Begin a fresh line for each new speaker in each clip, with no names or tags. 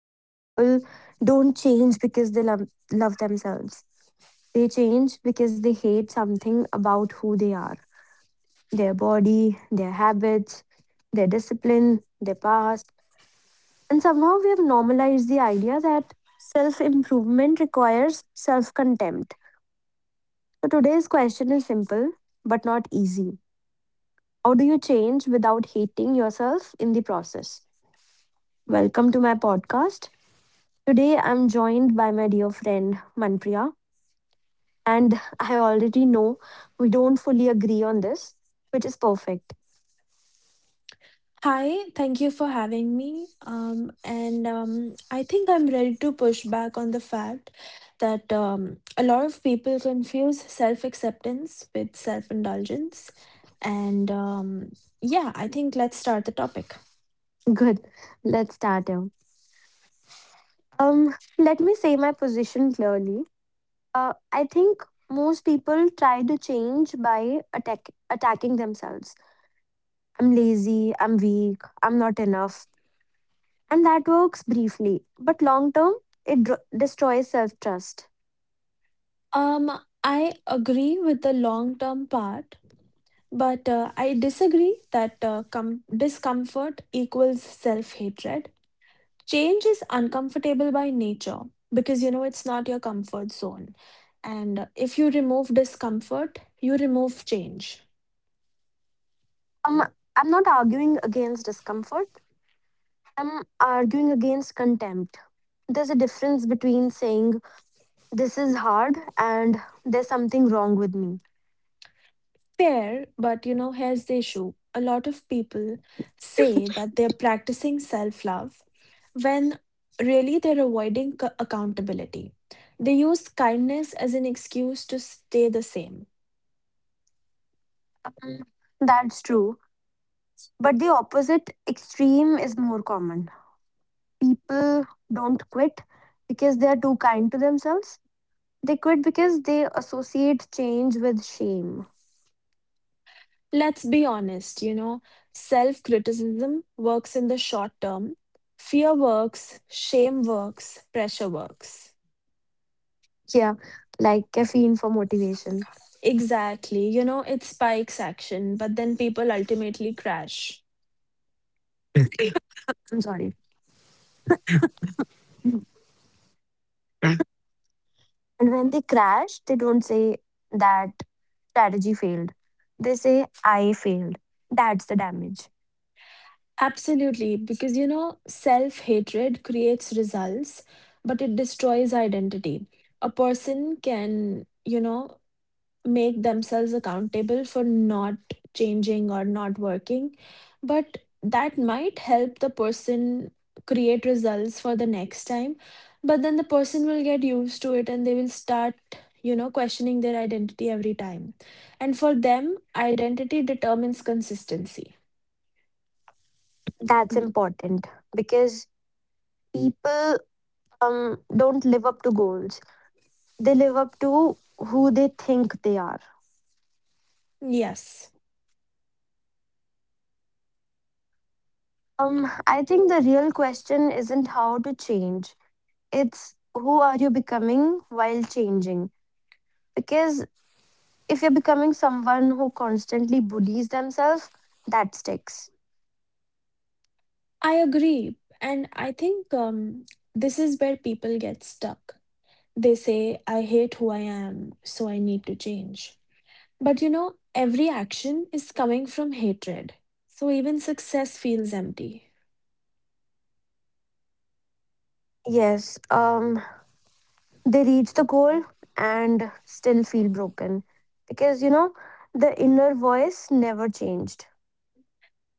Most people don't change because they love themselves. They change because they hate something about who they are, their body, their habits, their discipline, their past. And somehow we have normalized the idea that self improvement requires self contempt. So today's question is simple but not easy. How do you change without hating yourself in the process? Welcome to my podcast. Today, I'm joined by my dear friend Manpriya, and I already know we don't fully agree on this, which is perfect.
Hi, thank you for having me. And I think I'm ready to push back on the fact that a lot of people confuse self acceptance with self indulgence. And yeah, I think let's start the topic.
Good, let's start here. Let me say my position clearly. I think most people try to change by attacking themselves. I'm lazy, I'm weak, I'm not enough. And that works briefly, but long term, it destroys self trust.
Um, I agree with the long term part, but I disagree that discomfort equals self hatred. Change is uncomfortable by nature because you know it's not your comfort zone. And if you remove discomfort, you remove change.
Um, I'm not arguing against discomfort. I'm arguing against contempt. There's a difference between saying, this is hard, and there's something wrong with me.
Fair, but you know, here's the issue. A lot of people say that they're practicing self love when really they're avoiding accountability. They use kindness as an excuse to stay the same.
Mm, That's true. But the opposite extreme is more common. People don't quit because they are too kind to themselves. They quit because they associate change with shame.
Let's be honest, you know, self criticism works in the short term. Fear works, shame works, pressure works.
Yeah, like caffeine for motivation.
Exactly. You know, it spikes action, but then people ultimately crash.
I'm sorry. Mm. And when they crash, they don't say that strategy failed. They say, I failed. That's the damage.
Absolutely. Because, you know, self hatred creates results, but it destroys identity. A person can, you know, make themselves accountable for not changing or not working, but that might help the person create results for the next time. But then the person will get used to it, and they will start, you know, questioning their identity every time. And for them, identity determines consistency.
That's
Mm,
important because people don't live up to goals, they live up to who they think they are.
yes.
I think the real question isn't how to change, it's who are you becoming while changing? Because if you're becoming someone who constantly bullies themselves, that sticks.
I agree, and I think this is where people get stuck. They say, I hate who I am, so I need to change. But you know, every action is coming from hatred. So even success feels empty.
Yes. Um, they reach the goal and still feel broken because the inner voice never changed.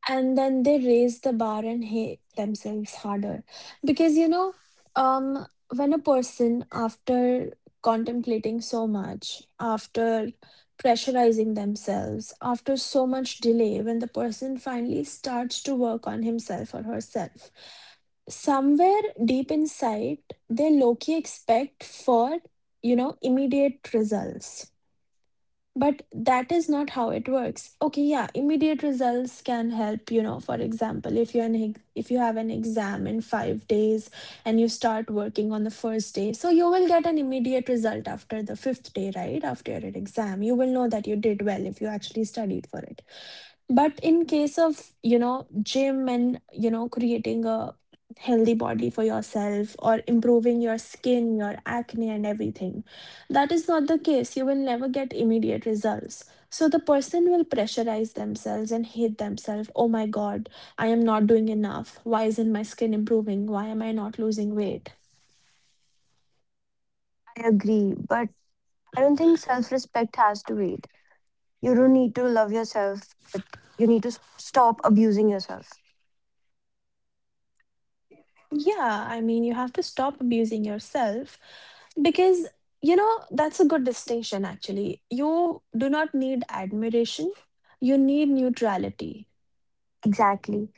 And then they raise the bar and hate themselves harder because um when a person, after contemplating so much, after pressurizing themselves, after so much delay, when the person finally starts to work on himself or herself, somewhere deep inside they low-key expect for, you know, immediate results. But that is not how it works. Okay, yeah, immediate results can help, you know. For example, if you're if you have an exam in 5 days and you start working on the first day, so you will get an immediate result after the fifth day, right? After your exam, you will know that you did well if you actually studied for it. But in case of, you know, gym and, you know, creating a healthy body for yourself or improving your skin, your acne, and everything, that is not the case. You will never get immediate results. So the person will pressurize themselves and hate themselves. Oh my God, I am not doing enough. Why isn't my skin improving? Why am I not losing weight?
I agree, but I don't think self-respect has to wait. You don't need to love yourself, but you need to stop abusing yourself.
Yeah, I mean, you have to stop abusing yourself. Because, you know, that's a good distinction actually. You do not need admiration, you need neutrality.
Exactly.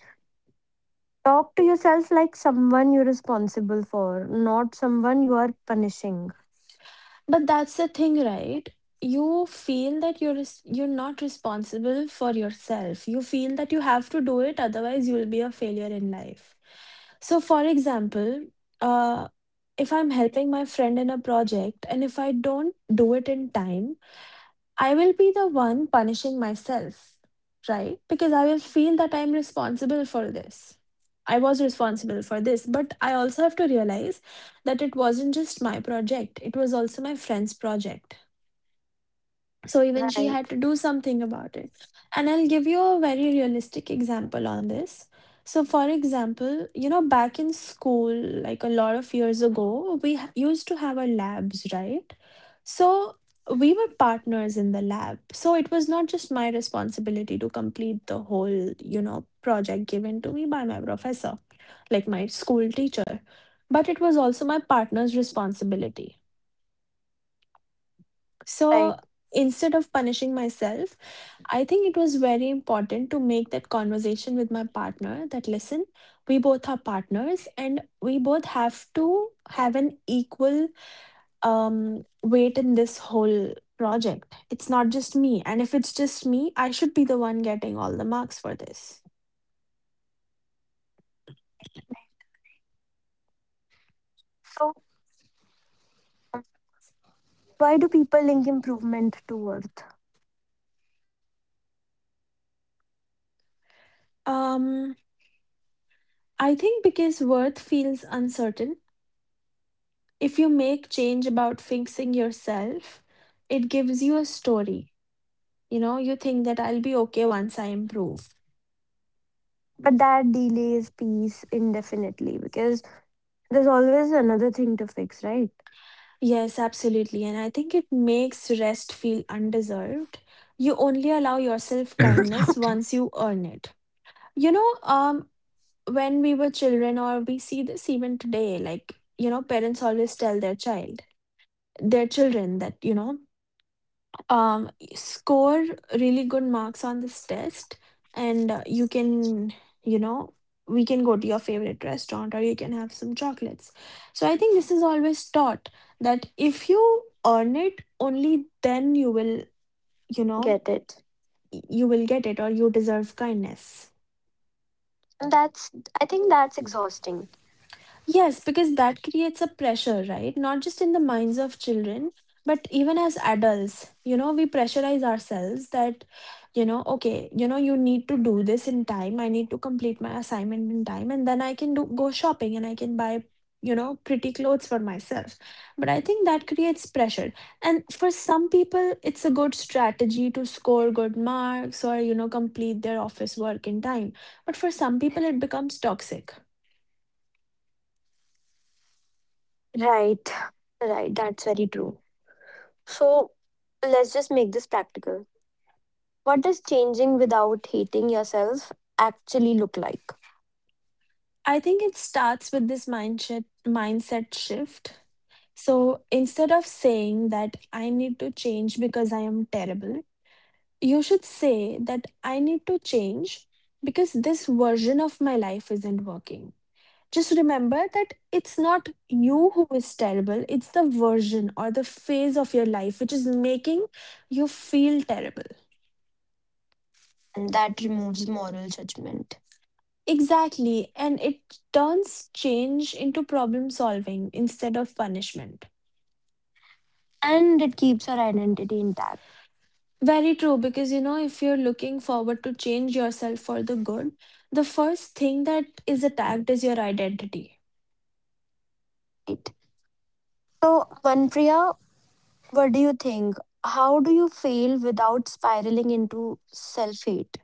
Talk to yourself like someone you're responsible for, not someone you are punishing.
But that's the thing, right? You feel that you're not responsible for yourself. You feel that you have to do it, otherwise you will be a failure in life. So, for example, uh, if I'm helping my friend in a project and if I don't do it in time, I will be the one punishing myself, right? Because I will feel that I'm responsible for this. I was responsible for this, but I also have to realize that it wasn't just my project, it was also my friend's project. So even she
Right,
had to do something about it. And I'll give you a very realistic example on this. So, for example, you know, back in school, like a lot of years ago, we used to have our labs, right? So, we were partners in the lab. So, it was not just my responsibility to complete the whole, you know, project given to me by my professor, like my school teacher, but it was also my partner's responsibility.
right.
So, instead of punishing myself, I think it was very important to make that conversation with my partner that, listen, we both are partners and we both have to have an equal weight in this whole project. It's not just me. And if it's just me, I should be the one getting all the marks for this.
So, um, why do people link improvement to worth?
Um, I think because worth feels uncertain, if you make change about fixing yourself, it gives you a story. You know, you think that I'll be okay once I improve.
But that delays peace indefinitely, because there's always another thing to fix, right?
Yes, absolutely. And I think it makes rest feel undeserved. You only allow yourself kindness once you earn it. You know, when we were children, or we see this even today, like, you know, parents always tell their child, their children that, you know, um, score really good marks on this test, and you can, you know, we can go to your favorite restaurant or you can have some chocolates. So I think this is always taught that if you earn it, only then you will, you know,
Get it.
you will get it, or you deserve kindness.
And that's, I think that's exhausting.
Yes, because that creates a pressure, right? Not just in the minds of children, but even as adults, you know, we pressurize ourselves that, you know, okay, you know, you need to do this in time. I need to complete my assignment in time, and then I can do go shopping and I can buy, you know, pretty clothes for myself. But I think that creates pressure. And for some people, it's a good strategy to score good marks or, you know, complete their office work in time. But for some people, it becomes toxic.
Right. Right. That's very true. So let's just make this practical. What does changing without hating yourself actually look like?
I think it starts with this mindset shift. So instead of saying that I need to change because I am terrible, you should say that I need to change because this version of my life isn't working. Just remember that it's not you who is terrible, it's the version or the phase of your life which is making you feel terrible.
And that removes moral judgment,
Exactly, and it turns change into problem solving instead of punishment.
and it keeps our identity intact.
Very true, because you know, if you're looking forward to change yourself for the good, the first thing that is attacked is your identity.
Right? So, Manpriya, what do you think? How do you fail without spiraling into self hate?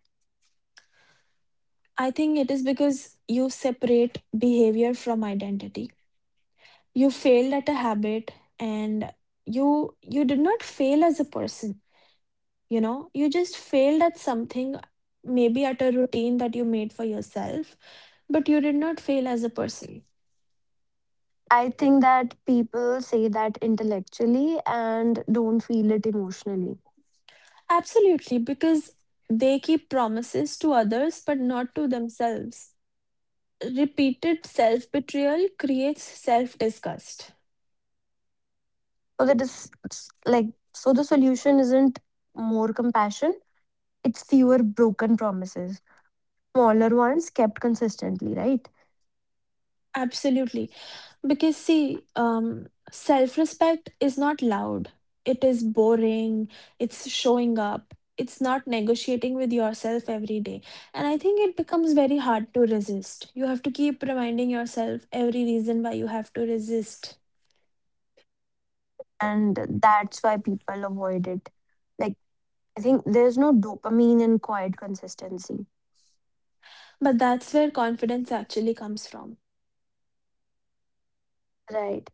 I think it is because you separate behavior from identity. You failed at a habit, and you did not fail as a person, you know? You just failed at something, maybe at a routine that you made for yourself, but you did not fail as a person.
I think that people say that intellectually and don't feel it emotionally.
Absolutely, because they keep promises to others but not to themselves. Repeated self betrayal creates self disgust.
So that is it's like So the solution isn't more compassion, it's fewer broken promises. Smaller ones kept consistently, right?
Absolutely. Because, see, self respect is not loud, it is boring, it's showing up, it's not negotiating with yourself every day. And I think it becomes very hard to resist. You have to keep reminding yourself every reason why you have to resist.
And that's why people avoid it. Like, I think there's no dopamine in quiet consistency.
But that's where confidence actually comes from.
Right.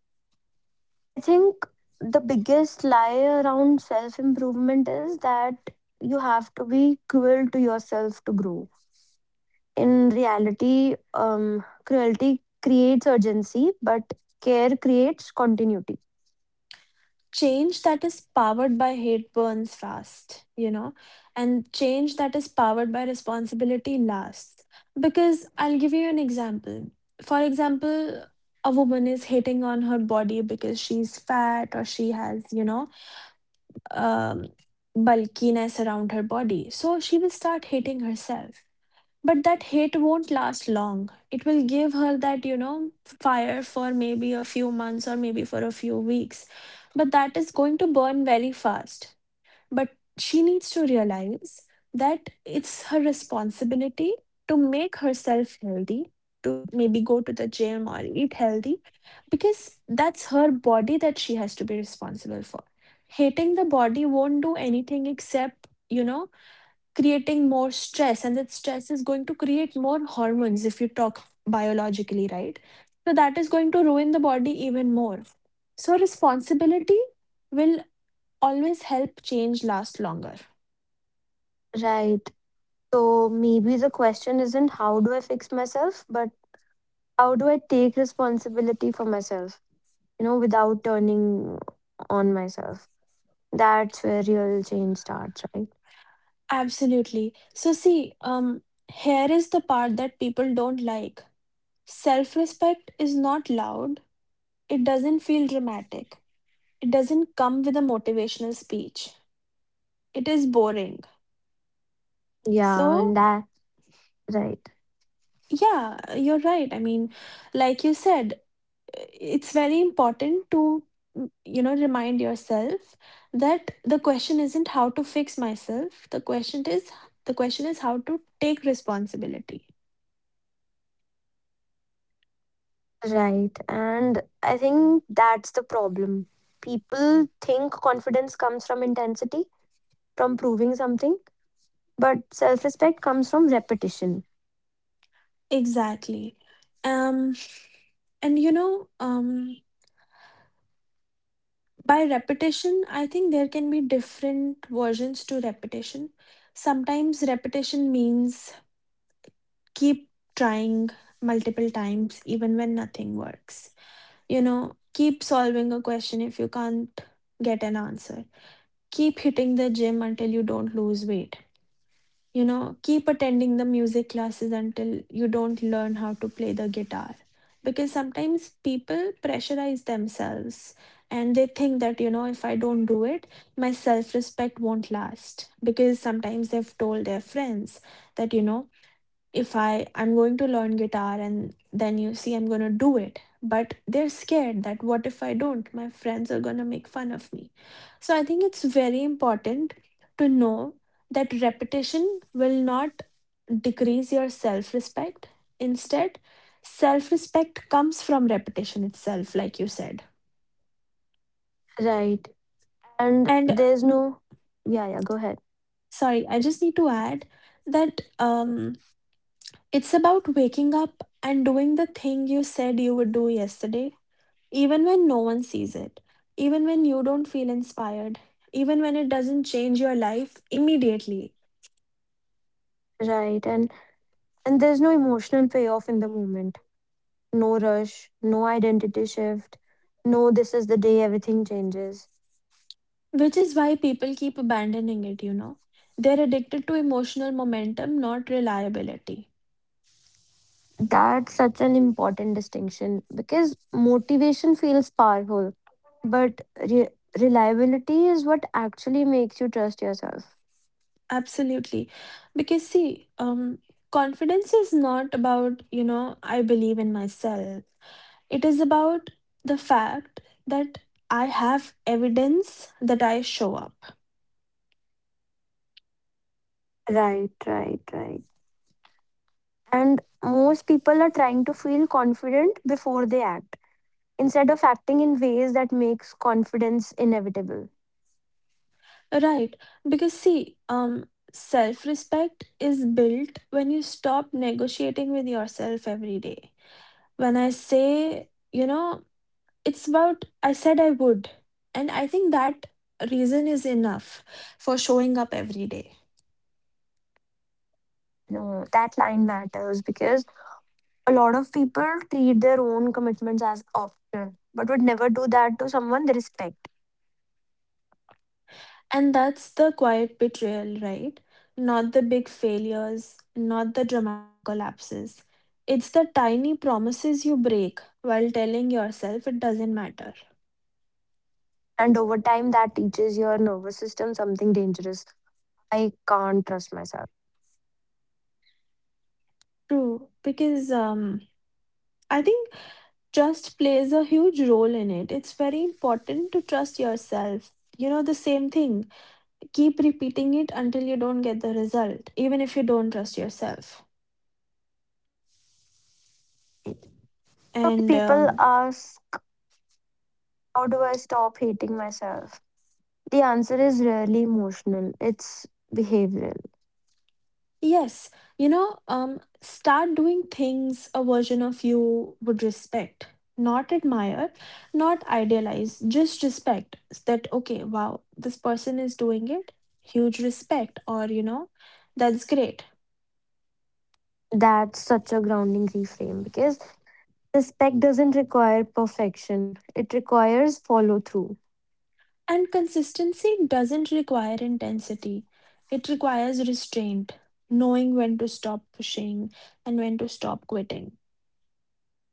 I think the biggest lie around self improvement is that you have to be cruel to yourself to grow. In reality, cruelty creates urgency, but care creates continuity.
Change that is powered by hate burns fast, you know, and change that is powered by responsibility lasts. Because I'll give you an example. For example, a woman is hating on her body because she's fat or she has, you know, um, bulkiness around her body. So she will start hating herself. But that hate won't last long. It will give her that, you know, fire for maybe a few months or maybe for a few weeks. But that is going to burn very fast. But she needs to realize that it's her responsibility to make herself healthy, to maybe go to the gym or eat healthy, because that's her body that she has to be responsible for. Hating the body won't do anything except, you know, creating more stress, and that stress is going to create more hormones if you talk biologically, right? So that is going to ruin the body even more. So responsibility will always help change last longer.
Right. So maybe the question isn't how do I fix myself, but how do I take responsibility for myself, you know, without turning on myself? That's where real change starts, right?
Absolutely. So see, um here is the part that people don't like. Self respect is not loud, it doesn't feel dramatic, it doesn't come with a motivational speech, it is boring.
Yeah, and
So
that, right,
yeah, you're right. I mean, like you said, it's very important to, you know, remind yourself that the question isn't how to fix myself. The question is how to take responsibility.
right. And I think that's the problem. People think confidence comes from intensity, from proving something. But self respect comes from repetition.
Exactly. Um and you know, by repetition, I think there can be different versions to repetition. Sometimes repetition means keep trying multiple times even when nothing works. You know, keep solving a question if you can't get an answer. Keep hitting the gym until you don't lose weight. You know, keep attending the music classes until you don't learn how to play the guitar. Because sometimes people pressurize themselves and they think that, you know, if I don't do it, my self respect won't last. Because sometimes they've told their friends that, you know, if I'm going to learn guitar and then you see I'm going to do it. But they're scared that, what if I don't? My friends are going to make fun of me. So I think it's very important to know that repetition will not decrease your self-respect. Instead, self-respect comes from repetition itself, like you said.
Right. And
And
there's no, yeah, yeah, go ahead.
sorry, I just need to add that it's about waking up and doing the thing you said you would do yesterday, even when no one sees it, even when you don't feel inspired, even when it doesn't change your life immediately,
Right. And there's no emotional payoff in the moment. No rush, no identity shift. No, this is the day everything changes.
which is why people keep abandoning it. They're addicted to emotional momentum, not reliability.
That's such an important distinction because motivation feels powerful, but reliability is what actually makes you trust yourself.
Absolutely. Because, see, confidence is not about, I believe in myself. It is about the fact that I have evidence that I show up.
Right, right, right. And most people are trying to feel confident before they act, instead of acting in ways that makes confidence inevitable.
Right, because see, self respect is built when you stop negotiating with yourself every day. When I say, it's about I said I would, and I think that reason is enough for showing up every day.
No, that line matters, because a lot of people treat their own commitments as optional but would never do that to someone they respect.
And that's the quiet betrayal, right? Not the big failures, not the dramatic collapses. It's the tiny promises you break while telling yourself it doesn't matter.
And over time that teaches your nervous system something dangerous: I can't trust myself.
True, because I think trust plays a huge role in it. It's very important to trust yourself. You know, the same thing. Keep repeating it until you don't get the result, even if you don't trust yourself.
So when
And
people ask, how do I stop hating myself, the answer is rarely emotional, it's behavioral.
yes, start doing things a version of you would respect, not admire, not idealize, just respect that, okay, wow, this person is doing it. Huge respect, or, you know, that's great.
That's such a grounding reframe because respect doesn't require perfection. It requires follow through,
And consistency doesn't require intensity, it requires restraint, knowing when to stop pushing and when to stop quitting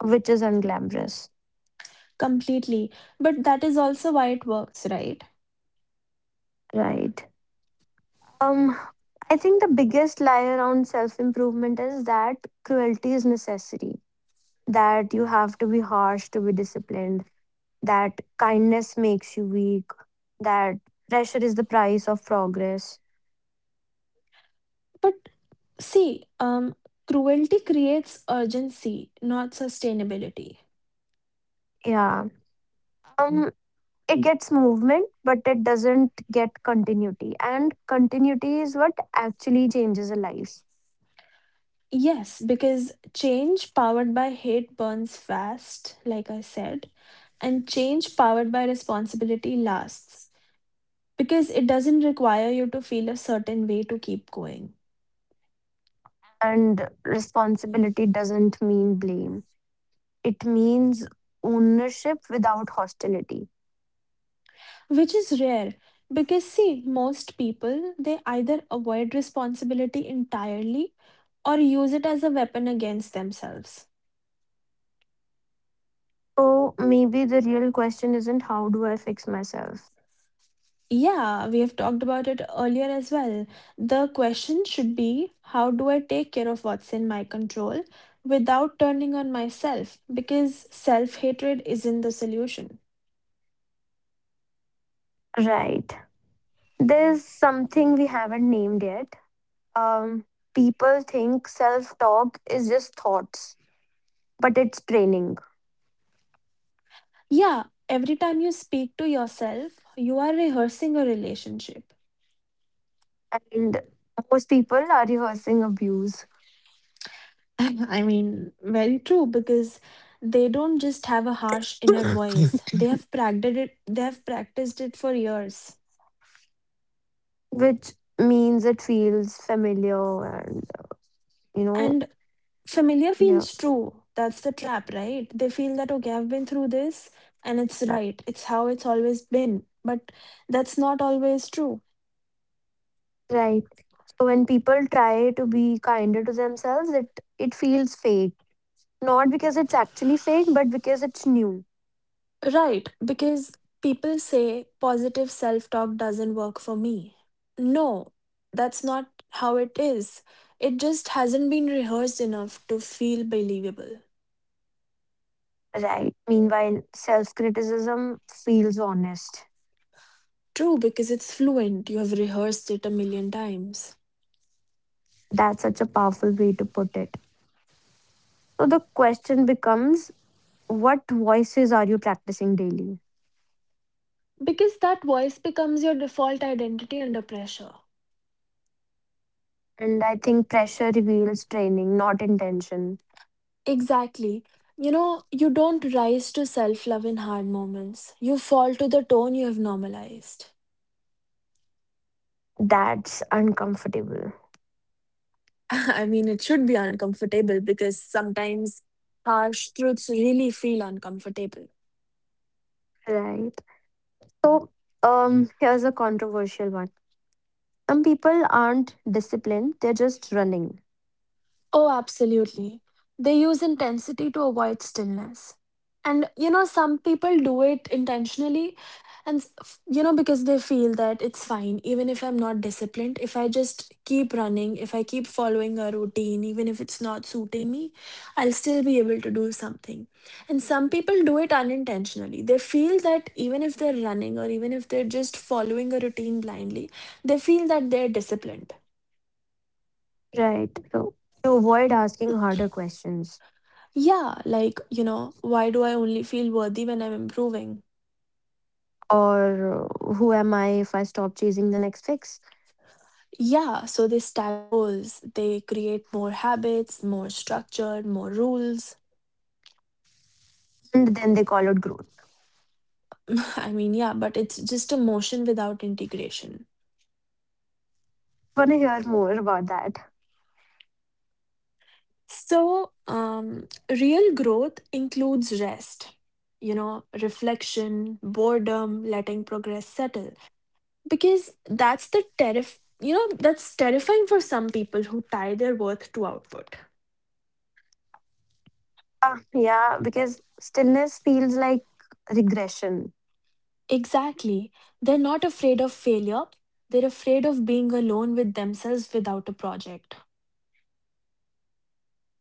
which is unglamorous.
completely. But that is also why it works, right?
Right. Um I think the biggest lie around self improvement is that cruelty is necessary, that you have to be harsh to be disciplined, that kindness makes you weak, that pressure is the price of progress.
But see, cruelty creates urgency, not sustainability.
Yeah. Um, it gets movement, but it doesn't get continuity. And continuity is what actually changes a life.
Yes, because change powered by hate burns fast, like I said, and change powered by responsibility lasts because it doesn't require you to feel a certain way to keep going.
And responsibility doesn't mean blame, it means ownership without hostility.
Which is rare, because see most people, they either avoid responsibility entirely or use it as a weapon against themselves.
So maybe the real question isn't, how do I fix myself?
Yeah, we have talked about it earlier as well. The question should be, how do I take care of what's in my control without turning on myself, because self-hatred isn't the solution.
Right. There's something we haven't named yet. Um, People think self talk is just thoughts, but it's training.
Yeah, every time you speak to yourself you are rehearsing a relationship.
And most people are rehearsing abuse,
I mean, very true, because they don't just have a harsh inner voice. They have practiced it for years.
which means it feels familiar and, you know,
And familiar
yeah.
feels true. That's the trap, right? They feel that okay, I've been through this and it's right. It's how it's always been. But that's not always true.
Right. So when people try to be kinder to themselves, it feels fake. Not because it's actually fake, but because it's new.
Right, because people say positive self talk doesn't work for me. No, that's not how it is. It just hasn't been rehearsed enough to feel believable.
Right. Meanwhile, self-criticism feels honest.
True, because it's fluent, you have rehearsed it a million times.
That's such a powerful way to put it. So the question becomes, what voices are you practicing daily?
Because that voice becomes your default identity under pressure.
And I think pressure reveals training, not intention.
Exactly. You know, you don't rise to self love in hard moments, you fall to the tone you have normalized.
That's uncomfortable.
I mean, it should be uncomfortable because sometimes harsh truths really feel uncomfortable.
Right. So, here's a controversial one. Some people aren't disciplined, they're just running.
Oh, absolutely. They use intensity to avoid stillness. And you know, some people do it intentionally, and you know, because they feel that it's fine, even if I'm not disciplined, if I just keep running, if I keep following a routine, even if it's not suiting me, I'll still be able to do something. And some people do it unintentionally. They feel that even if they're running or even if they're just following a routine blindly, they feel that they're disciplined.
Right. So, to avoid asking harder questions,
Yeah, like, you know, why do I only feel worthy when I'm improving?
or who am I if I stop chasing the next fix?
Yeah, so they stack goals, they create more habits, more structure, more rules.
And then they call it growth.
I mean, yeah, but it's just a motion without integration.
Want to hear more about that?
So, real growth includes rest, you know, reflection, boredom, letting progress settle. Because that's the terrif you know, that's terrifying for some people who tie their worth to output.
Yeah, because stillness feels like regression.
Exactly. They're not afraid of failure. They're afraid of being alone with themselves without a project.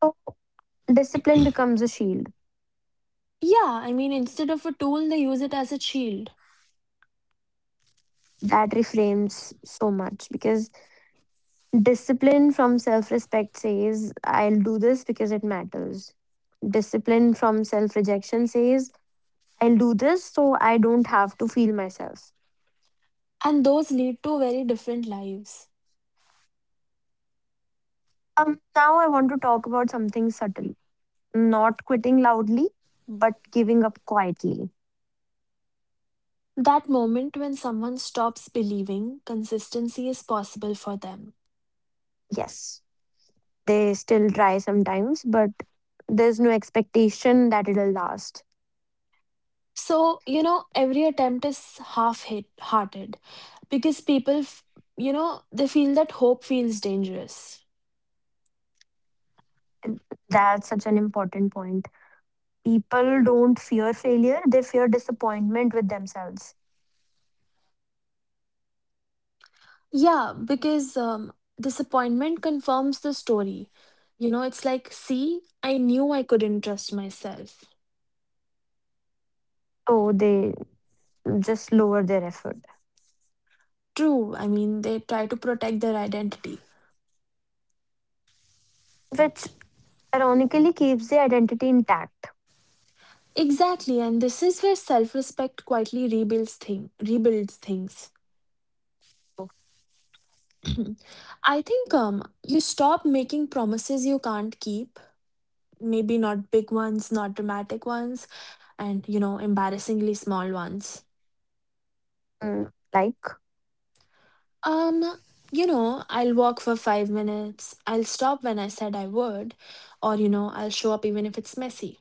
So discipline becomes a shield.
Yeah, I mean, instead of a tool, they use it as a shield.
That reframes so much because discipline from self respect says, I'll do this because it matters. Discipline from self rejection says, I'll do this so I don't have to feel myself.
And those lead to very different lives.
Now I want to talk about something subtle. Not quitting loudly, but giving up quietly.
That moment when someone stops believing consistency is possible for them.
Yes, they still try sometimes, but there's no expectation that it'll last.
So, you know, every attempt is half hit hearted because you know, they feel that hope feels dangerous.
That's such an important point. People don't fear failure, they fear disappointment with themselves.
Yeah, because disappointment confirms the story. You know, it's like, see, I knew I couldn't trust myself.
So they just lower their effort,
True, I mean, they try to protect their identity.
which ironically keeps the identity intact.
Exactly, and this is where self-respect quietly rebuilds things. I think you stop making promises you can't keep. Maybe not big ones, not dramatic ones, and you know, embarrassingly small ones.
Mm, like.
Um, you know, I'll walk for 5 minutes. I'll stop when I said I would. Or, you know, I'll show up even if it's messy.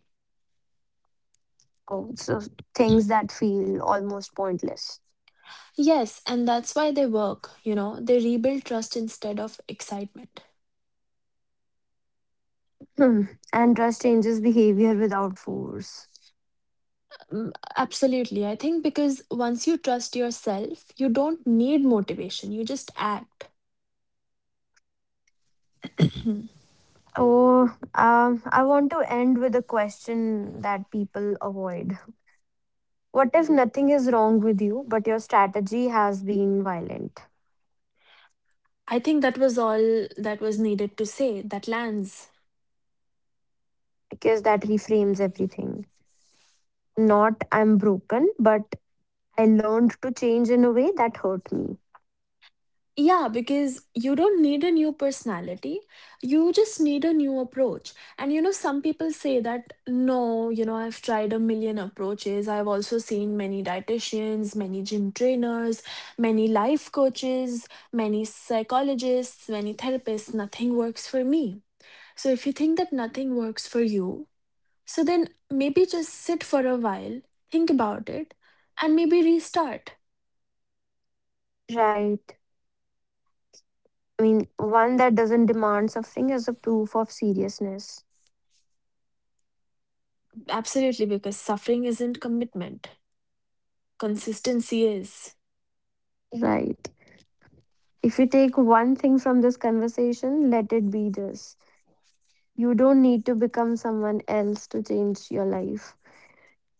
Oh, so things that feel almost pointless.
Yes, and that's why they work, you know, they rebuild trust instead of excitement.
Hmm. And trust changes behavior without force.
Mm, absolutely. I think because once you trust yourself, you don't need motivation, you just act.
Oh, I want to end with a question that people avoid. What if nothing is wrong with you, but your strategy has been violent?
I think that was all that was needed to say. That lands.
Because that reframes everything. Not I'm broken, but I learned to change in a way that hurt me.
Yeah, because you don't need a new personality. You just need a new approach. And you know, some people say that, no, you know, I've tried a million approaches. I've also seen many dietitians, many gym trainers, many life coaches, many psychologists, many therapists. Nothing works for me. So if you think that nothing works for you, so then maybe just sit for a while, think about it, and maybe restart.
Right. I mean, one that doesn't demand suffering as a proof of seriousness.
Absolutely, because suffering isn't commitment. Consistency is.
Right. If you take one thing from this conversation, let it be this. You don't need to become someone else to change your life.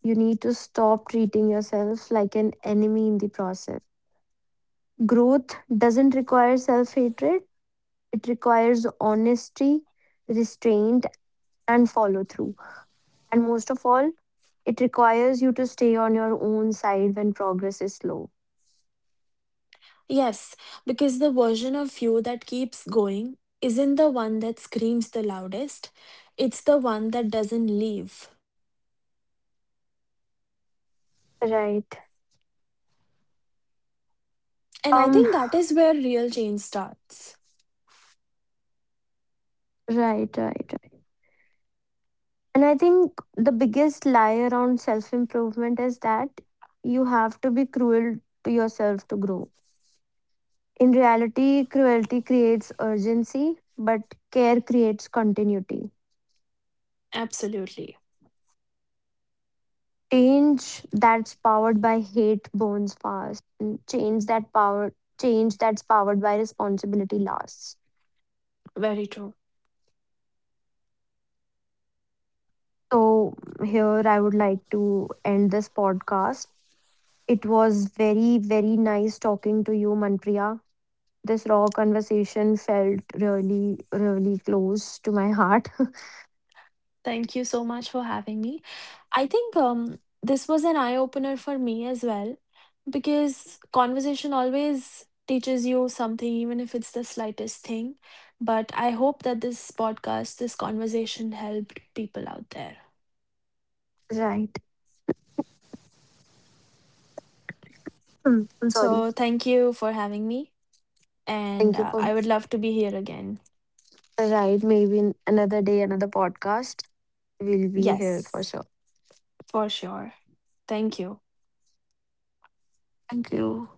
You need to stop treating yourself like an enemy in the process. Growth doesn't require self hatred, it requires honesty, restraint, and follow through. And most of all, it requires you to stay on your own side when progress is slow.
Yes, because the version of you that keeps going isn't the one that screams the loudest, it's the one that doesn't leave.
Right.
And I
Um,
think that is where real change starts.
right, and I think the biggest lie around self improvement is that you have to be cruel to yourself to grow. In reality, cruelty creates urgency, but care creates continuity.
Absolutely.
Change that's powered by hate burns fast, and change that power Change that's powered by responsibility lasts.
Very true.
So here I would like to end this podcast. It was very, very nice talking to you, Manpriya. This raw conversation felt really, really close to my heart.
Thank you so much for having me. I think this was an eye opener for me as well, because conversation always teaches you something, even if it's the slightest thing. But I hope that this podcast, this conversation helped people out there.
Right. Mm, I'm sorry.
So thank you for having me. And
Thank you for
I would love to be here again.
right. Maybe in another day, another podcast. We'll be here for
Yes,
sure.
for sure. Thank you.
Thank you.